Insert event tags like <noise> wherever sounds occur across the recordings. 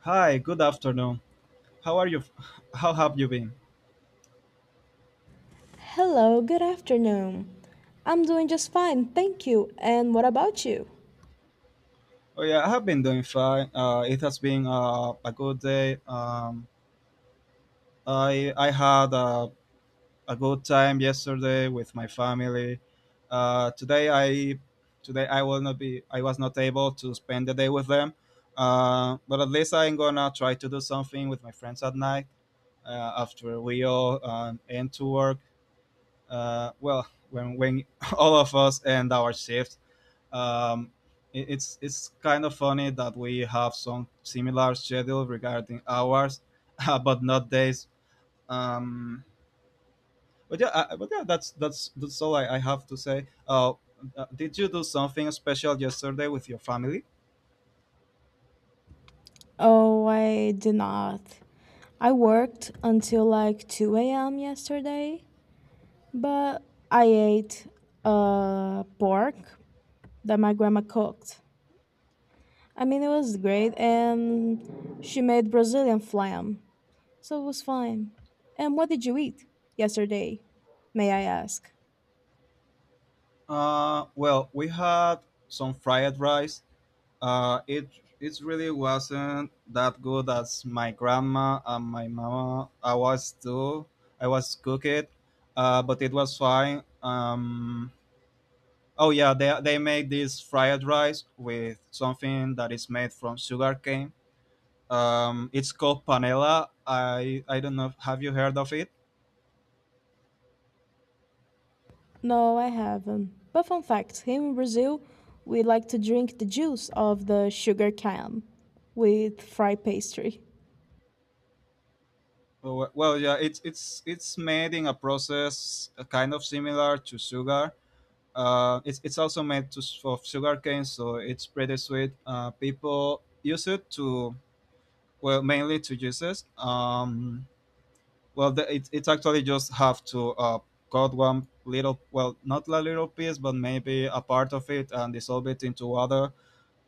Hi, good afternoon. How are you? <laughs> How have you been? Hello, good afternoon. I'm doing just fine, thank you. And what about you? Oh yeah, I have been doing fine. It has been a good day. I had a good time yesterday with my family. Uh, today I today I will not be I was not able to spend the day with them. But at least I'm gonna try to do something with my friends at night after we all end to work. Well, when <laughs> all of us end our shifts. Um, it's kind of funny that we have some similar schedule regarding hours, <laughs> but not days. Um, but yeah, that's all I have to say. Did you do something special yesterday with your family? Oh, I did not. I worked until like 2 a.m. yesterday, but I ate pork that my grandma cooked. I mean, it was great, and she made Brazilian flam, so it was fine. And what did you eat yesterday, may I ask? Well, we had some fried rice. It it really wasn't that good as my grandma and my mama. I was too. I was cook it, but it was fine. Oh yeah, they make this fried rice with something that is made from sugar cane. It's called panela. I don't know. Have you heard of it? No, I haven't. But fun fact, here in Brazil, we like to drink the juice of the sugar cane with fried pastry. Well, yeah, it's made in a process kind of similar to sugar. It's also made to, of sugar cane, so it's pretty sweet. People use it to well mainly to juices. Well, the, it, it's actually just have to cut one little, well, not a little piece, but maybe a part of it and dissolve it into water.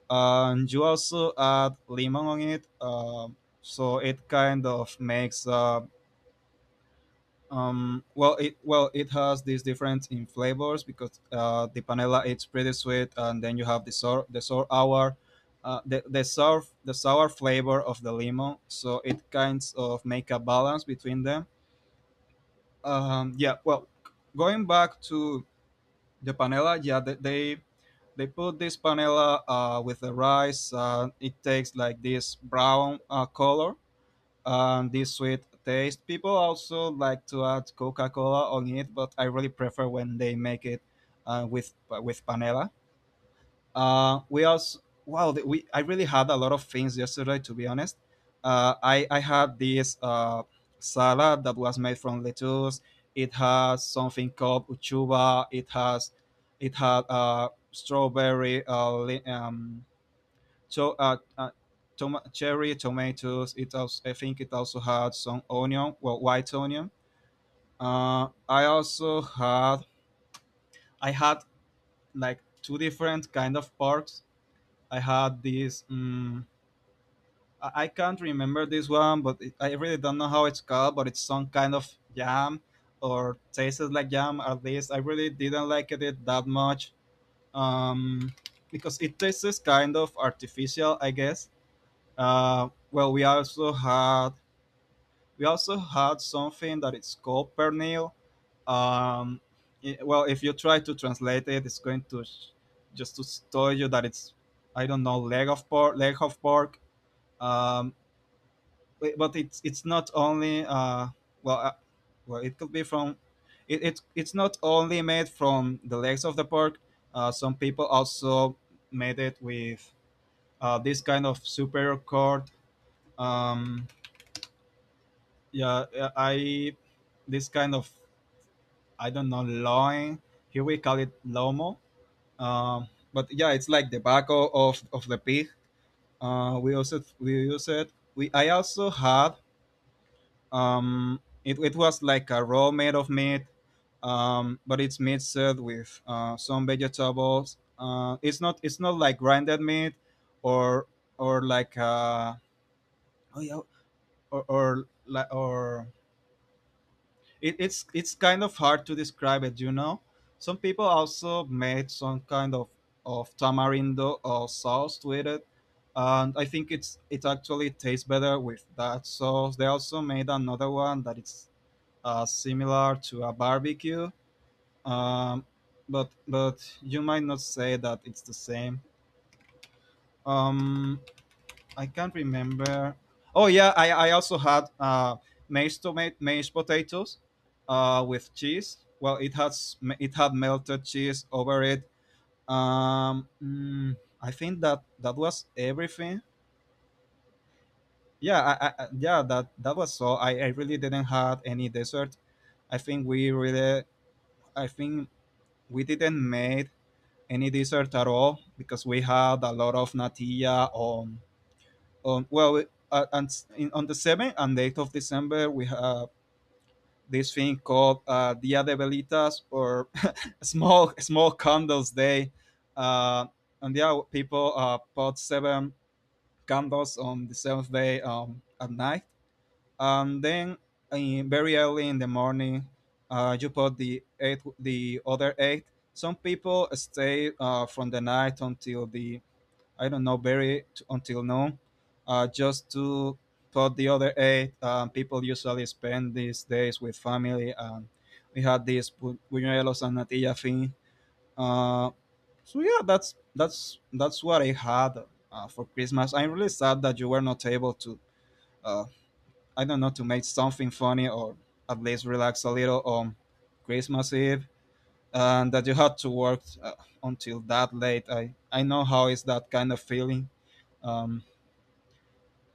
And you also add lemon on it, so it kind of makes. Well, it well it has these different in flavors because the panela it's pretty sweet, and then you have the sour hour, the sour flavor of the lemon. So it kinds of make a balance between them, yeah. Well, going back to the panela, yeah, they put this panela with the rice. It takes like this brown color and this sweet taste. People also like to add coca-cola on it, but I really prefer when they make it uh, with with panela. We also, wow, th- we I really had a lot of things yesterday. To be honest, I had this salad that was made from lettuce. It has something called uchuva. It had strawberry, to, uh, uh, cherry, tomatoes. It also, I think it also had some onion, well white onion. Uh, I also had I had like two different kind of porks. I had this. I can't remember this one, but it, I really don't know how it's called. But it's some kind of jam, or tasted like jam. At least I really didn't like it that much, um, because it tastes kind of artificial, I guess. Well, we also had something that it's called pernil. Um, well, if you try to translate it, it's going to just to tell you that it's, I don't know, leg of pork. Um, Wait, but it's not only well uh, it could be from, it's not only made from the legs of the pork. Some people also made it with this kind of superior cord. um yeah, I this kind of, I don't know, loin. Here we call it lomo. Um, but yeah, it's like the back of the pig. Uh we also we use it we i also had, it, it was like a raw made of meat, um, but it's meat served with some vegetables. Uh it's not like grinded meat, or or like uh oh yeah or, it, it's kind of hard to describe it, you know. Some people also made some kind of tamarindo or sauce with it, and I think it's it actually tastes better with that sauce. They also made another one that it's similar to a barbecue, um, but you might not say that it's the same. Um, I can't remember. Oh yeah, I also had mashed potatoes with cheese. Well, it had melted cheese over it. Um, mm, I think that that was everything. Yeah, yeah, that that was so. I really didn't have any dessert. I think we really, I think we didn't made any dessert at all because we had a lot of natilla on well on the 7th and 8th of December we have this thing called Dia de Velitas or <laughs> small small candles day. uh, and yeah, people put seven candles on the seventh day, at night, and then very early in the morning you put the eight the other eight. Some people stay from the night until the, I don't know, until now, just to put the other eight. People usually spend these days with family, and we had this buñuelos and natilla thing. Uh, so yeah, that's what I had for Christmas. I'm really sad that you were not able to, uh, I don't know, to make something funny or at least relax a little on Christmas Eve, and that you had to work until that late. I know how is that kind of feeling. Um,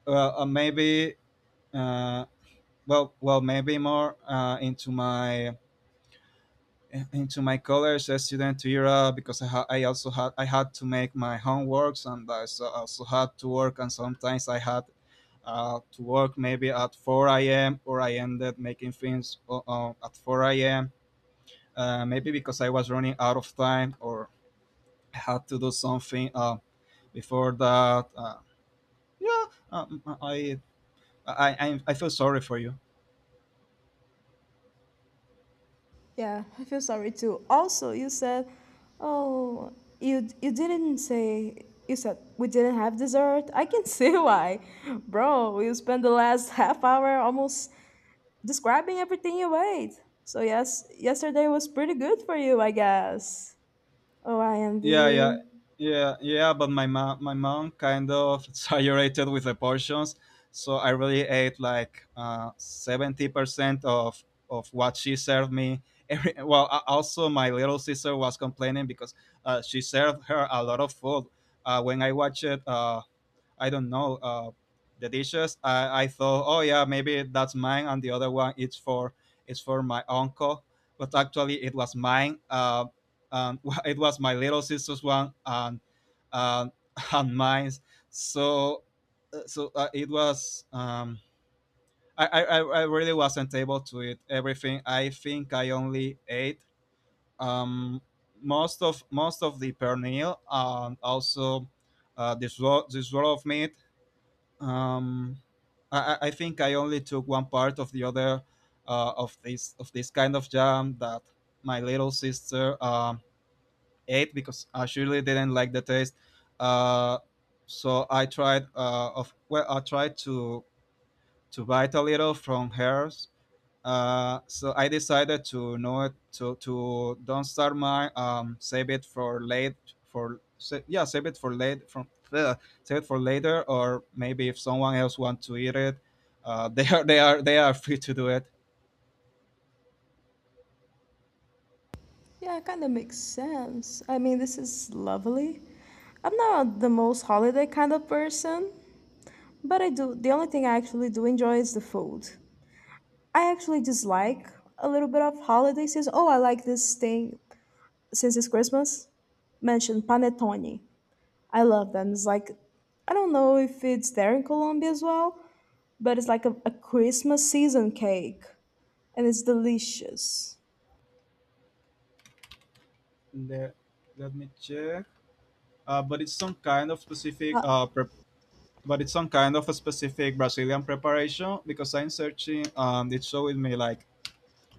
well, uh, maybe uh, well, maybe more into my college student era because I, ha- I also had I had to make my homeworks, and I so, also had to work, and sometimes I had to work maybe at 4 a.m. or I ended making things at 4 a.m. Maybe because I was running out of time or I had to do something before that. Yeah, um, I, I feel sorry for you. Yeah, I feel sorry too. Also, you said, oh, you didn't say you said we didn't have dessert. I can see <laughs> why, bro. You spent the last <laughs> half hour almost describing everything you ate. So yes, yesterday was pretty good for you, I guess. Oh, I envy Yeah, you. yeah, yeah. But my mom kind of <laughs> exaggerated with the portions, so I really ate like 70% of what she served me. <laughs> Every, well, also my little sister was complaining because she served her a lot of food. When I watched it, I don't know, the dishes. I thought, oh yeah, maybe that's mine, and the other one it's for my uncle, but actually it was mine. And <laughs> it was my little sister's one and, <laughs> and mine. So it was. I really wasn't able to eat everything. I think I only ate um, most of the pernil, and also this roll of meat. Um I, I I think I only took one part of the other of this kind of jam that my little sister ate because I surely didn't like the taste. Uh, so I tried of well, I tried to bite a little from hers, so I decided to not to to don't start my um, save it for late for yeah, save it for late from <laughs> the save it for later, or maybe if someone else wants to eat it, <laughs> they are free to do it. Yeah, it kind of makes sense. I mean, this is lovely. I'm not the most holiday kind of person, but I do. The only thing I actually do enjoy is the food. I actually dislike a little bit of holiday season. Oh, I like this thing since it's Christmas. Mentioned panettone. I love them. It's like, I don't know if it's there in Colombia as well, but it's like a Christmas season cake and it's delicious. There, let me check. But it's some kind of specific Uh, pre- but it's some kind of a specific Brazilian preparation because I'm searching, um, it showed me like,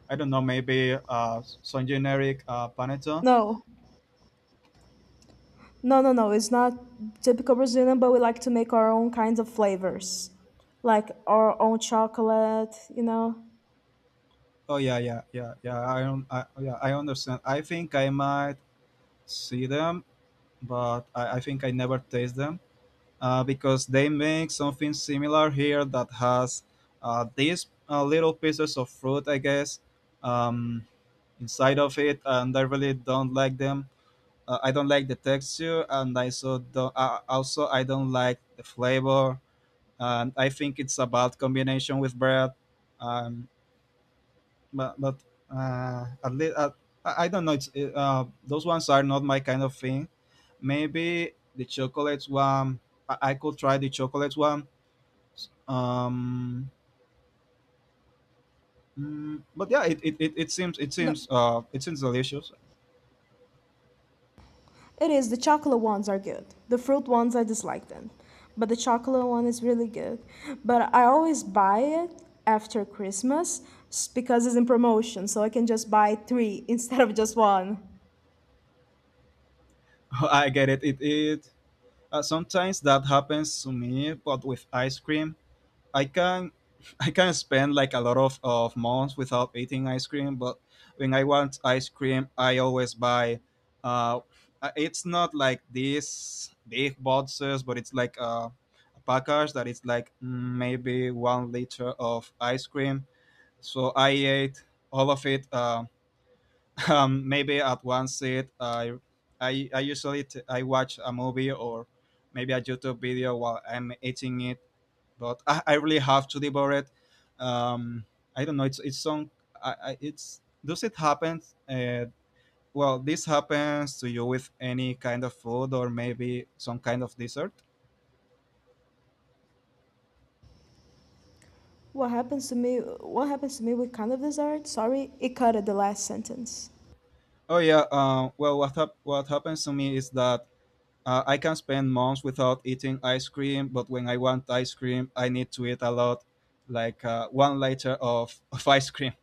I don't know, maybe some generic panettone. no, no, no, no. It's not typical Brazilian, but we like to make our own kinds of flavors, like our own chocolate. You know, Oh yeah, yeah. I don't. Yeah, I understand. I think I might see them, but I think I never taste them because they make something similar here that has these little pieces of fruit, I guess, um, inside of it, and I really don't like them. I don't like the texture, and I so don't. Also, I don't like the flavor, and I think it's a bad combination with bread. Um, but At least I don't know. Those ones are not my kind of thing. Maybe the chocolate one. I could try the chocolate one. Um, but yeah, it seems it no, seems it seems delicious. it is the chocolate ones are good. The fruit ones I dislike them, but the chocolate one is really good. But I always buy it after Christmas because it's in promotion, so I can just buy three <laughs> instead of just one. <laughs> I get it. Sometimes that happens to me, but with ice cream. I can <laughs> I can spend like a lot of months without eating ice cream, but when I want ice cream, I always buy. Uh, it's not like these big boxes, but it's like a package that is like mm, maybe 1 liter of ice cream. So I ate all of it. <laughs> Maybe at one sit, I watch a movie or maybe a YouTube video while I'm eating it, but I really have to devour it. Um, I don't know. It's some. I, it's does it happen? Uh, well, this happens to you with any kind of food or maybe some kind of dessert. What happens to me? What happens to me with kind of dessert? Sorry, it cut at the last sentence. Oh, yeah. Well, what happens to me is that I can spend months without eating ice cream, but when I want ice cream, I need to eat a lot, like 1 liter of ice cream.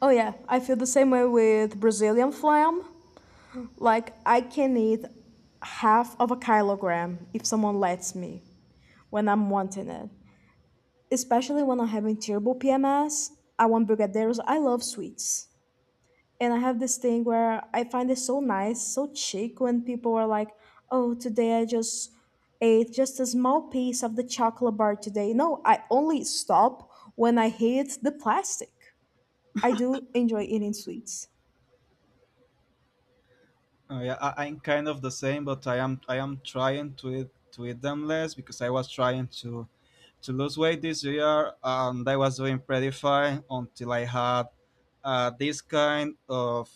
Oh yeah, I feel the same way with Brazilian flam. Like, I can eat half of a kilogram if someone lets me when I'm wanting it. Especially when I'm having terrible PMS, I want brigadeiros. I love sweets. And I have this thing where I find it so nice, so chic when people are like, oh, today I just ate just a small piece of the chocolate bar today. No, I only stop when I hit the plastic. I do enjoy eating sweets. Oh, yeah, I'm kind of the same, but I am trying to eat them less because I was trying to lose weight this year, and I was doing pretty fine until I had, this kind of,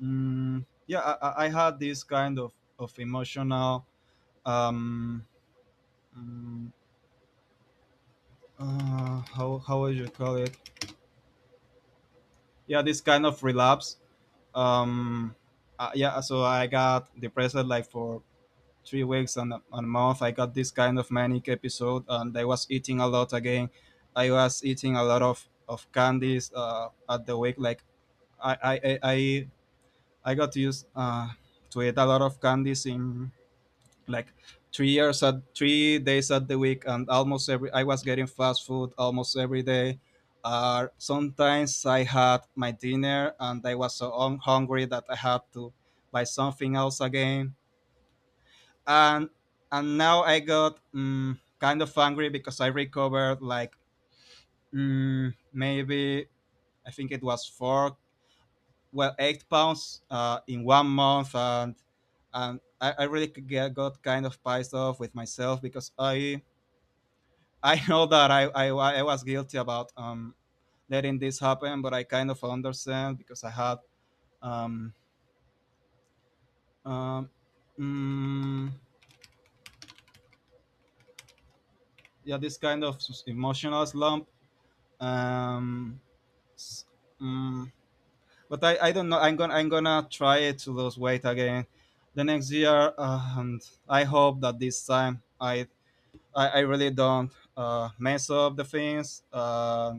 yeah, I had this kind of emotional, um, mm, how would you call it? Yeah, this kind of relapse. Um, yeah, so I got depressed like for 3 weeks, and a month I got this kind of manic episode, and I was eating a lot again. I was eating a lot of candies, at the week, like I, I got used, to eat a lot of candies in like 3 years, at 3 days at the week, and almost every I was getting fast food almost every day. Sometimes I had my dinner and I was so hungry that I had to buy something else again. And and now I got, kind of angry because I recovered like, maybe I think it was four, well, 8 pounds, in one month, and I really got kind of pissed off with myself because I <laughs> know that I was guilty about, letting this happen, but I kind of understand because I had, um, um, mm, yeah, this kind of emotional slump. Um, S- Mm, but I don't know. I'm gonna try it to lose weight again the next year, and I hope that this time I really don't, mess up the things,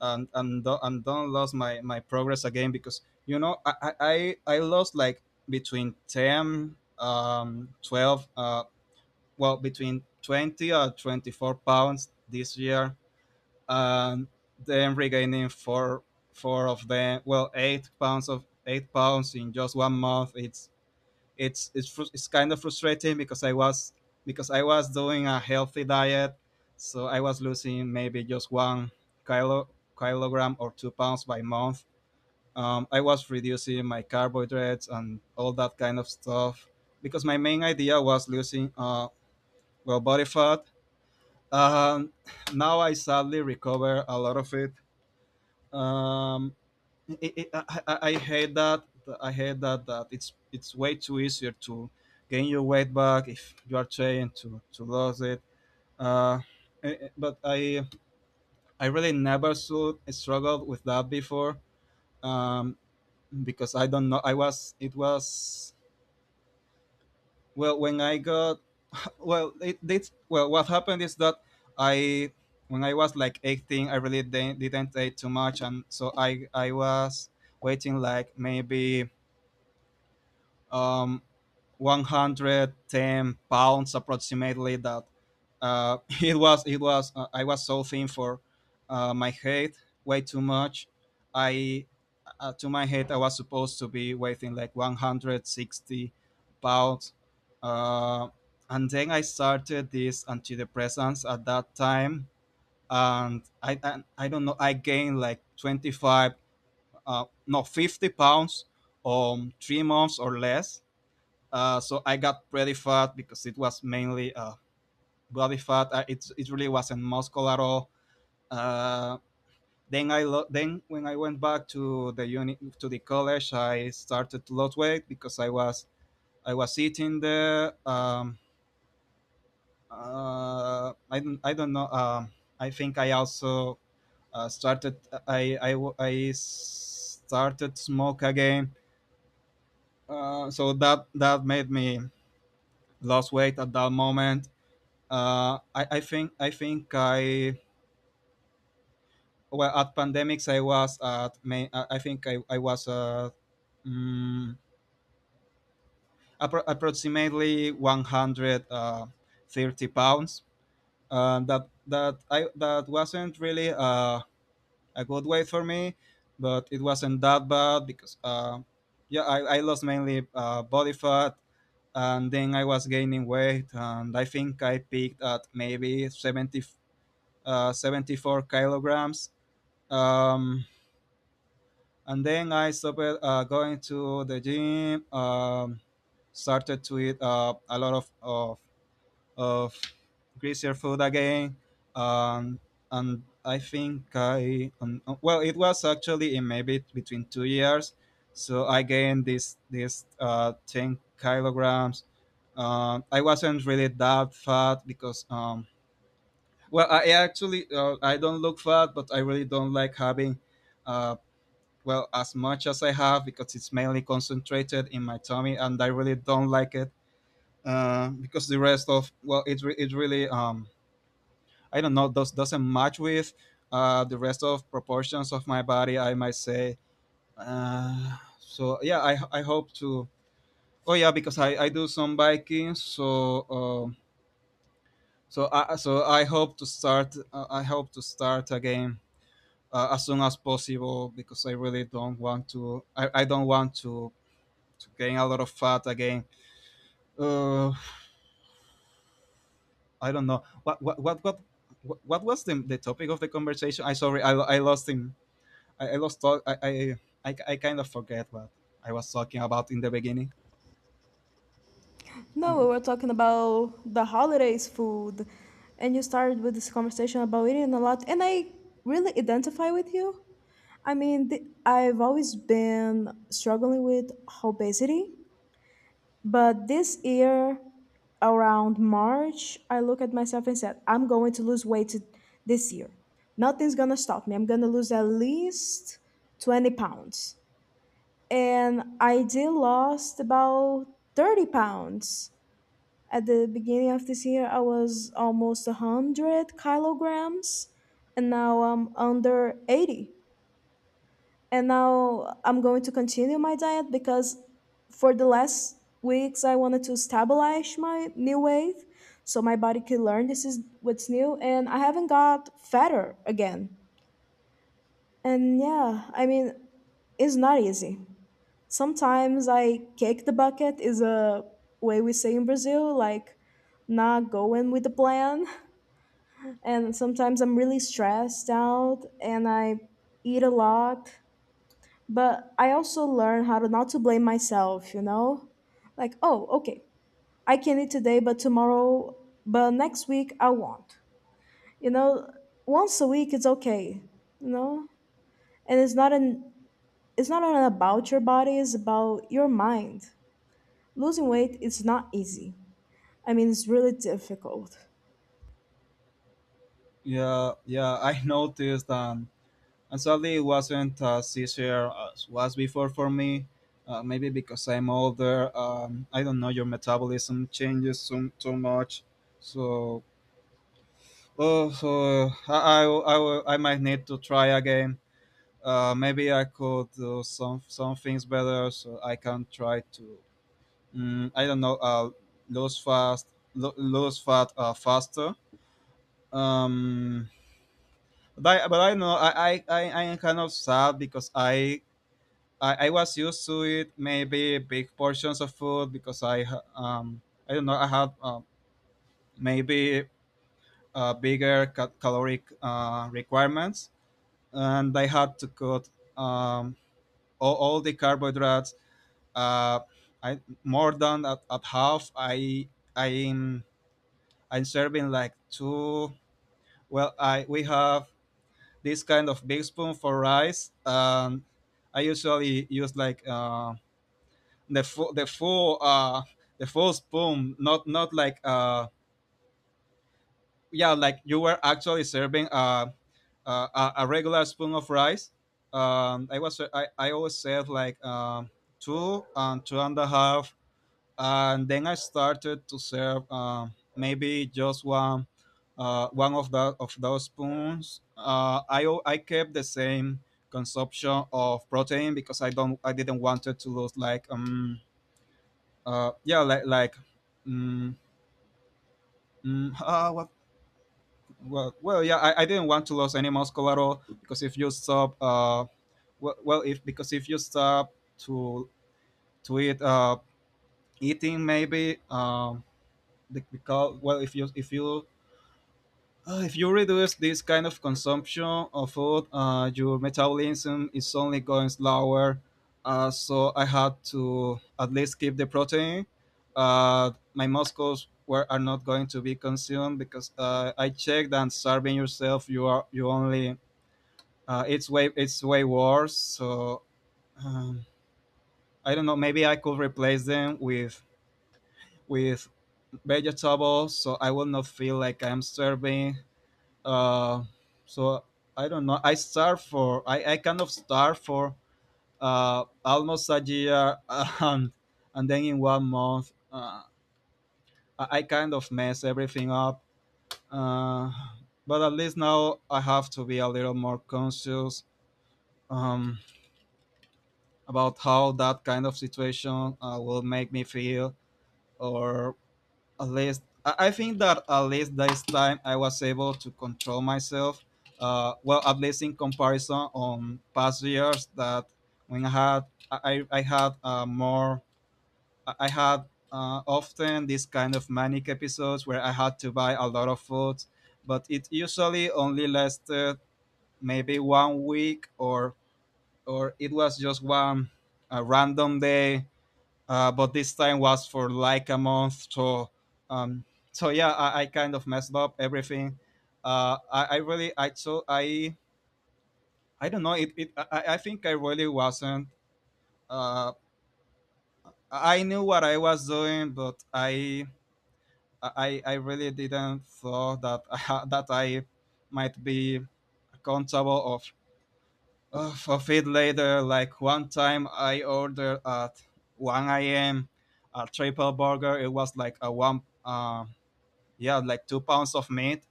and and don't lose my progress again because you know I lost like between 10, 12, between 20 or 24 pounds this year, and then regaining four, four of them, well, 8 pounds of 8 pounds in just one month. It's kind of frustrating because I was, because I was doing a healthy diet, so I was losing maybe just 1 kilo, kilogram or 2 pounds by month. I was reducing my carbohydrates and all that kind of stuff because my main idea was losing, body fat. Um, Now I sadly recover a lot of it. Um, it, it, I, I I hate that. I hate that it's way too easier to gain your weight back if you are trying to lose it. Uh, but I really never struggled with that before, um, because I don't know. I was it was well when I got well it did well. What happened is that, I when I was like 18, I really didn't eat too much, and so I was waiting like maybe, um, 110 pounds approximately. That <laughs> it was I was so thin for, my height, way too much. I To my height I was supposed to be weighing like 160 pounds, uh, and then I started these antidepressants at that time, and I don't know, I gained like 25, no, 50 pounds on 3 months or less, so I got pretty fat because it was mainly, body fat. It it really wasn't muscle at all. Uh, then when I went back to the to the college, I started to lose weight because I was eating the, I don't know. I think I also, started I I I started smoke again. So that that made me lose weight at that moment. I think I think I well, at pandemics I was at May, I was, mm, approximately 130 pounds. That wasn't really, a good weight for me, but it wasn't that bad because, yeah, I lost mainly, body fat, and then I was gaining weight, and I think I peaked at maybe 70, 74 kilograms. um, and then I started, going to the gym. Started to eat, a lot of greasier food again, um, and I think I, well, it was actually in maybe between 2 years, so I gained this, 10 kilograms. I wasn't really that fat because, well, I actually, I don't look fat, but I really don't like having, uh, well, as much as I have because it's mainly concentrated in my tummy, and I really don't like it, because the rest of, well, it really, I don't know, doesn't match with, the rest of proportions of my body. I might say. So yeah, I hope to. Oh, yeah, because I do some biking, so I hope to start. I hope to start again, as soon as possible because I really don't want to. I don't want to gain a lot of fat again. Uh, I don't know what was the topic of the conversation. I Sorry, I lost him. I lost talk. I kind of forget what I was talking about in the beginning. No, we were talking about the holidays food, and you started with this conversation about eating a lot, and I really identify with you. I mean, I've always been struggling with obesity, but this year, around March, I look at myself and said, I'm going to lose weight this year. Nothing's gonna stop me. I'm gonna lose at least 20 pounds. And I did lost about 30 pounds at the beginning of this year. I was almost 100 kilograms and now I'm under 80, and now I'm going to continue my diet because for the last weeks I wanted to stabilize my new weight so my body can learn this is what's new and I haven't got fatter again. And yeah, I mean, it's not easy. Sometimes I kick the bucket is a way we say in Brazil, like not going with the plan. <laughs> And sometimes I'm really stressed out and I eat a lot. But I also learn how to not to blame myself, you know? Like, oh, okay, I can eat today, but tomorrow, but next week I won't. You know, once a week it's okay, you know? And it's not an about your body, it's about your mind. Losing weight is not easy. I mean, it's really difficult. Yeah, yeah, I <laughs> noticed, and sadly it wasn't as easier as was before for me. Maybe because I'm older, I don't know. Your metabolism changes so, so much, so so I might need to try again. Maybe I could do some things better, so I can try to, I don't know, lose fast lose fat, faster. Um, but I know I am kind of sad because, I was used to it maybe big portions of food because, I don't know, I had, maybe, bigger caloric, requirements, and I had to cut, um all the carbohydrates, uh, I, more than at half. I'm I'm serving like two. Well, I we have this kind of big spoon for rice, and I usually use like, the full the full uh, the full spoon, not like, yeah, like you were actually serving, a regular spoon of rice. I always serve like, two and two and a half, and then I started to serve, maybe just one of those spoons. I kept the same consumption of protein because, I didn't want it to lose like, yeah, um, mm what, well well yeah, I didn't want to lose any muscle at all because if you stop, well, if you stop to to eat, eating maybe, the, because well if you if you reduce this kind of consumption of food, your metabolism is only going slower. So I had to at least keep the protein. My muscles were are not going to be consumed because, I checked and starving yourself, you only, it's way worse. So, um, I don't know. Maybe I could replace them with vegetables, so I will not feel like I'm starving, uh, so I don't know. I kind of starve for, almost a year, <laughs> and then in one month, I kind of mess everything up. Uh, but at least now I have to be a little more conscious, um, about how that kind of situation, will make me feel, or at least I think that at least this time I was able to control myself. Well, at least in comparison on past years, that when I, I had I I had often this kind of manic episodes where I had to buy a lot of food, but it usually only lasted maybe one week or it was just one a random day, but this time was for like a month. Um, so yeah, I kind of messed up everything. I really I so I don't know it, it I think I really wasn't. Uh, I knew what I was doing, but I really didn't thought that <laughs> that I might be accountable of it later. Like one time I ordered at 1 a.m. a triple burger. It was like a one yeah, like 2 pounds of meat.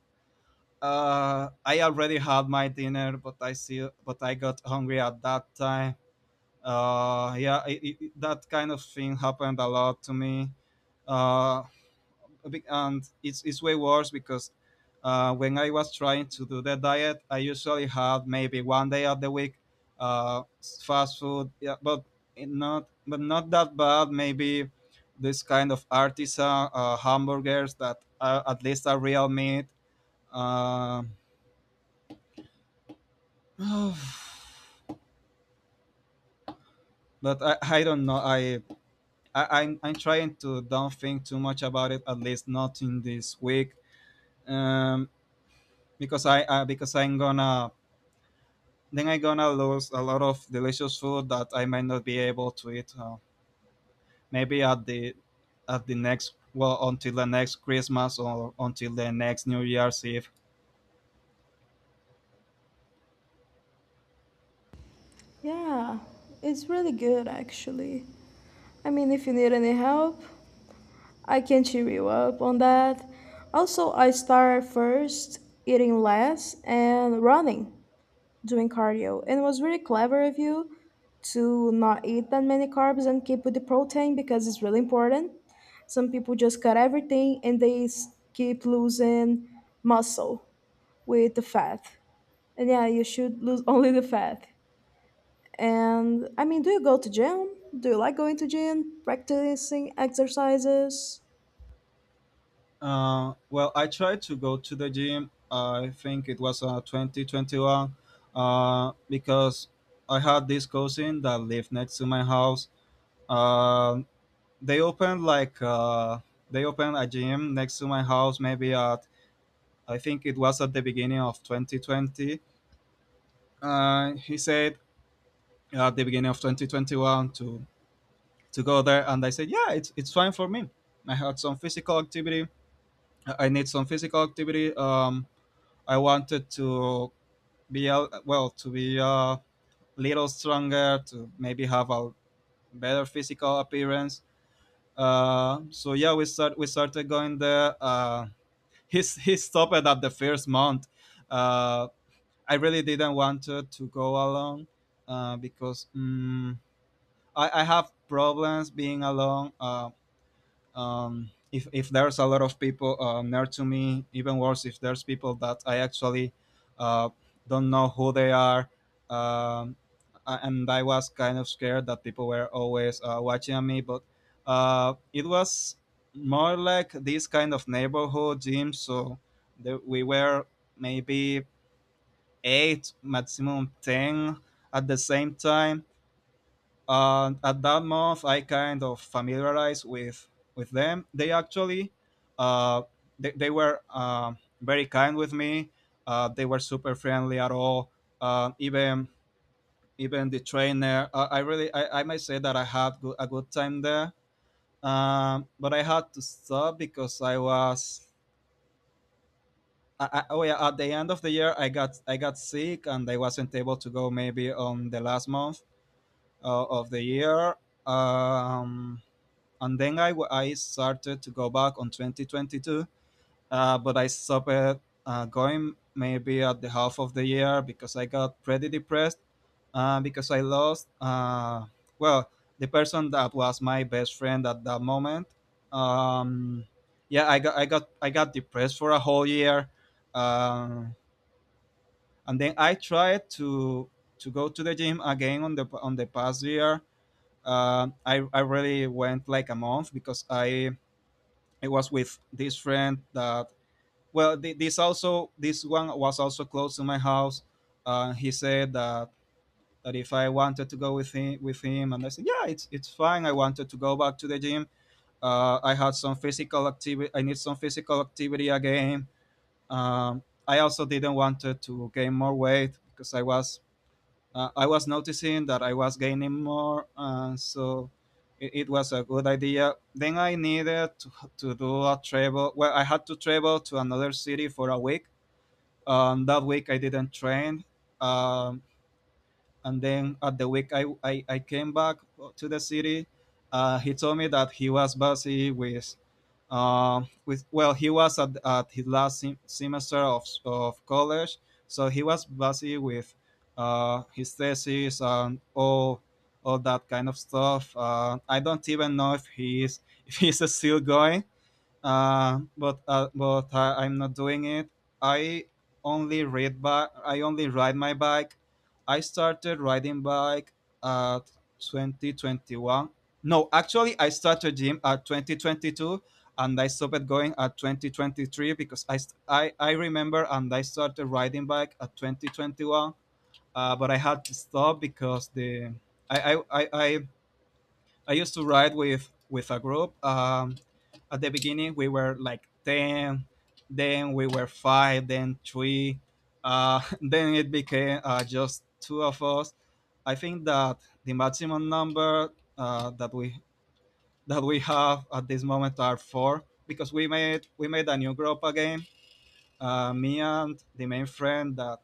I already had my dinner, but I see but I got hungry at that time. Yeah, that kind of thing happened a lot to me. Uh a and it's way worse because when I was trying to do the diet, I usually had maybe one day of the week fast food, yeah, but it not but not that bad. Maybe this kind of artisan hamburgers that are, at least are real meat um, <sighs> but I don't know. I'm trying to don't think too much about it. At least not in this week. Um, because I because I'm gonna lose a lot of delicious food that I might not be able to eat. Maybe at the next well, until the next Christmas or until the next New Year's Eve. Yeah, it's really good actually. I mean, if you need any help, I can cheer you up on that. Also, I started first eating less and running, doing cardio. And it was really clever of you to not eat that many carbs and keep with the protein because it's really important. Some people just cut everything and they keep losing muscle with the fat. And yeah, you should lose <laughs> only the fat. And I mean, do you go to gym? Do you like going to gym, practicing exercises? Well, I tried to go to the gym. I think it was 2021, because I had this cousin that lived next to my house. Um they opened like uh, they opened a gym next to my house. Maybe at I think it was at the beginning of 2020. He said at the beginning of 2021 to go there, and I said, yeah, it's fine for me. I had some physical activity. I need some physical activity. I wanted to well, to be a little stronger, to maybe have a better physical appearance. So yeah, we started going there. <laughs> He stopped it at the first month. Uh, I really didn't want to go alone, because I have problems being alone. If there's a lot of people near to me, even worse if there's people that I actually uh, don't know who they are. Um, a- and I was kind of scared that people were always watching me, but it was more like this kind of neighborhood gym, so there, we were maybe eight, maximum ten at the same time. And at that month I kind of familiarized with them. They actually uh, they were very kind with me. They were super friendly at all. Uh, even even the trainer, I might say that I had a good time there. But I had to stop because I was I, oh yeah, at the end of the year, I got sick and I wasn't able to go maybe on the last month of the year. Um, and then I started to go back on 2022. But I stopped going maybe at the half of the year because I got pretty depressed, because I lost, well, the person that was my best friend at that moment. um, yeah, I got depressed for a whole year. Um, and then I tried to go to the gym again on the past year. I really went like a month because I it was with this friend that, well, this one was also close to my house. He said that if I wanted to go with him and I said, yeah, it's fine. I wanted to go back to the gym. I had some physical activity, I need some physical activity again. um, I also didn't want to gain more weight because I was noticing that I was gaining more, and so it was a good idea. Then I needed to do a travel. Well, I had to travel to another city for a week. That week I didn't train. Um, and then at the week I came back to the city. He told me that he was busy with, well, he was at his last semester of college, so he was busy with his thesis and all that kind of stuff. I don't even know if he is <laughs> if he's still going, but I'm not doing it. I only read bike. I only ride my bike. I started riding bike at 2021. No, actually, I started gym at 2022, and I stopped going at 2023 because I remember, and I started riding bike at 2021. But I had to stop because the I I I, I I used to ride with a group. At the beginning, we were like ten, then we were five, then three. <laughs> Then it became just two of us. I think that the maximum number that we <laughs> that we have at this moment are four because we made a new group again. Me and the main friend that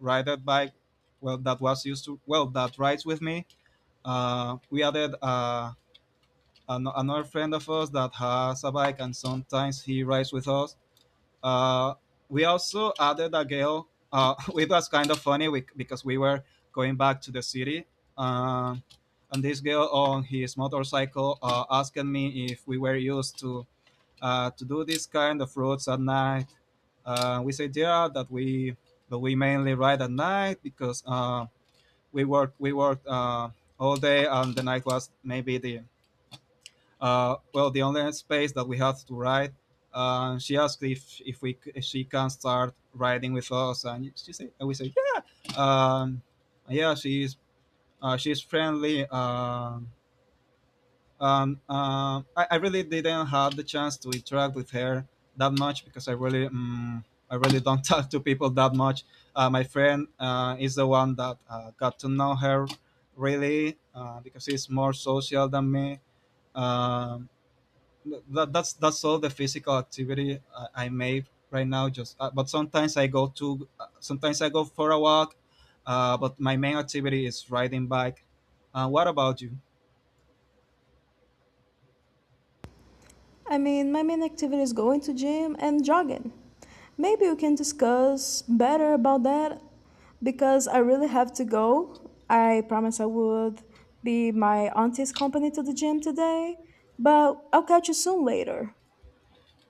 ride bike, well, that was used to well, that rides with me. We added another friend of us that has a bike, and sometimes he rides with us. Uh, we also added a girl. <laughs> It was kind of funny, because we were going back to the city, uh, and this girl on his motorcycle, asking me if we were used to do this kind of roads at night. We said yeah that we but we mainly ride at night because we worked all day, and the night was maybe the well, the only space that we had to write. She asked if she can start writing with us, and we said, yeah. Yeah, she's friendly. I really didn't have the chance to interact with her that much because I really don't <laughs> talk to people that much. My friend is the one that got to know her really, because he's more social than me. Um, that's all the physical activity I made right now. Just but Sometimes I go for a walk, but my main activity is riding bike. What about you? I mean, my main activity is going to gym and jogging. Maybe we can discuss better about that because I really have to go. I promise I would be my auntie's company to the gym today, but I'll catch you soon later.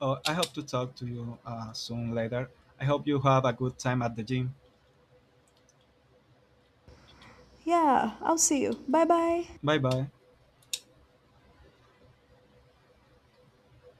I hope to talk to you soon later. I hope you have a good time at the gym. Yeah, I'll see you. Bye bye. Bye bye.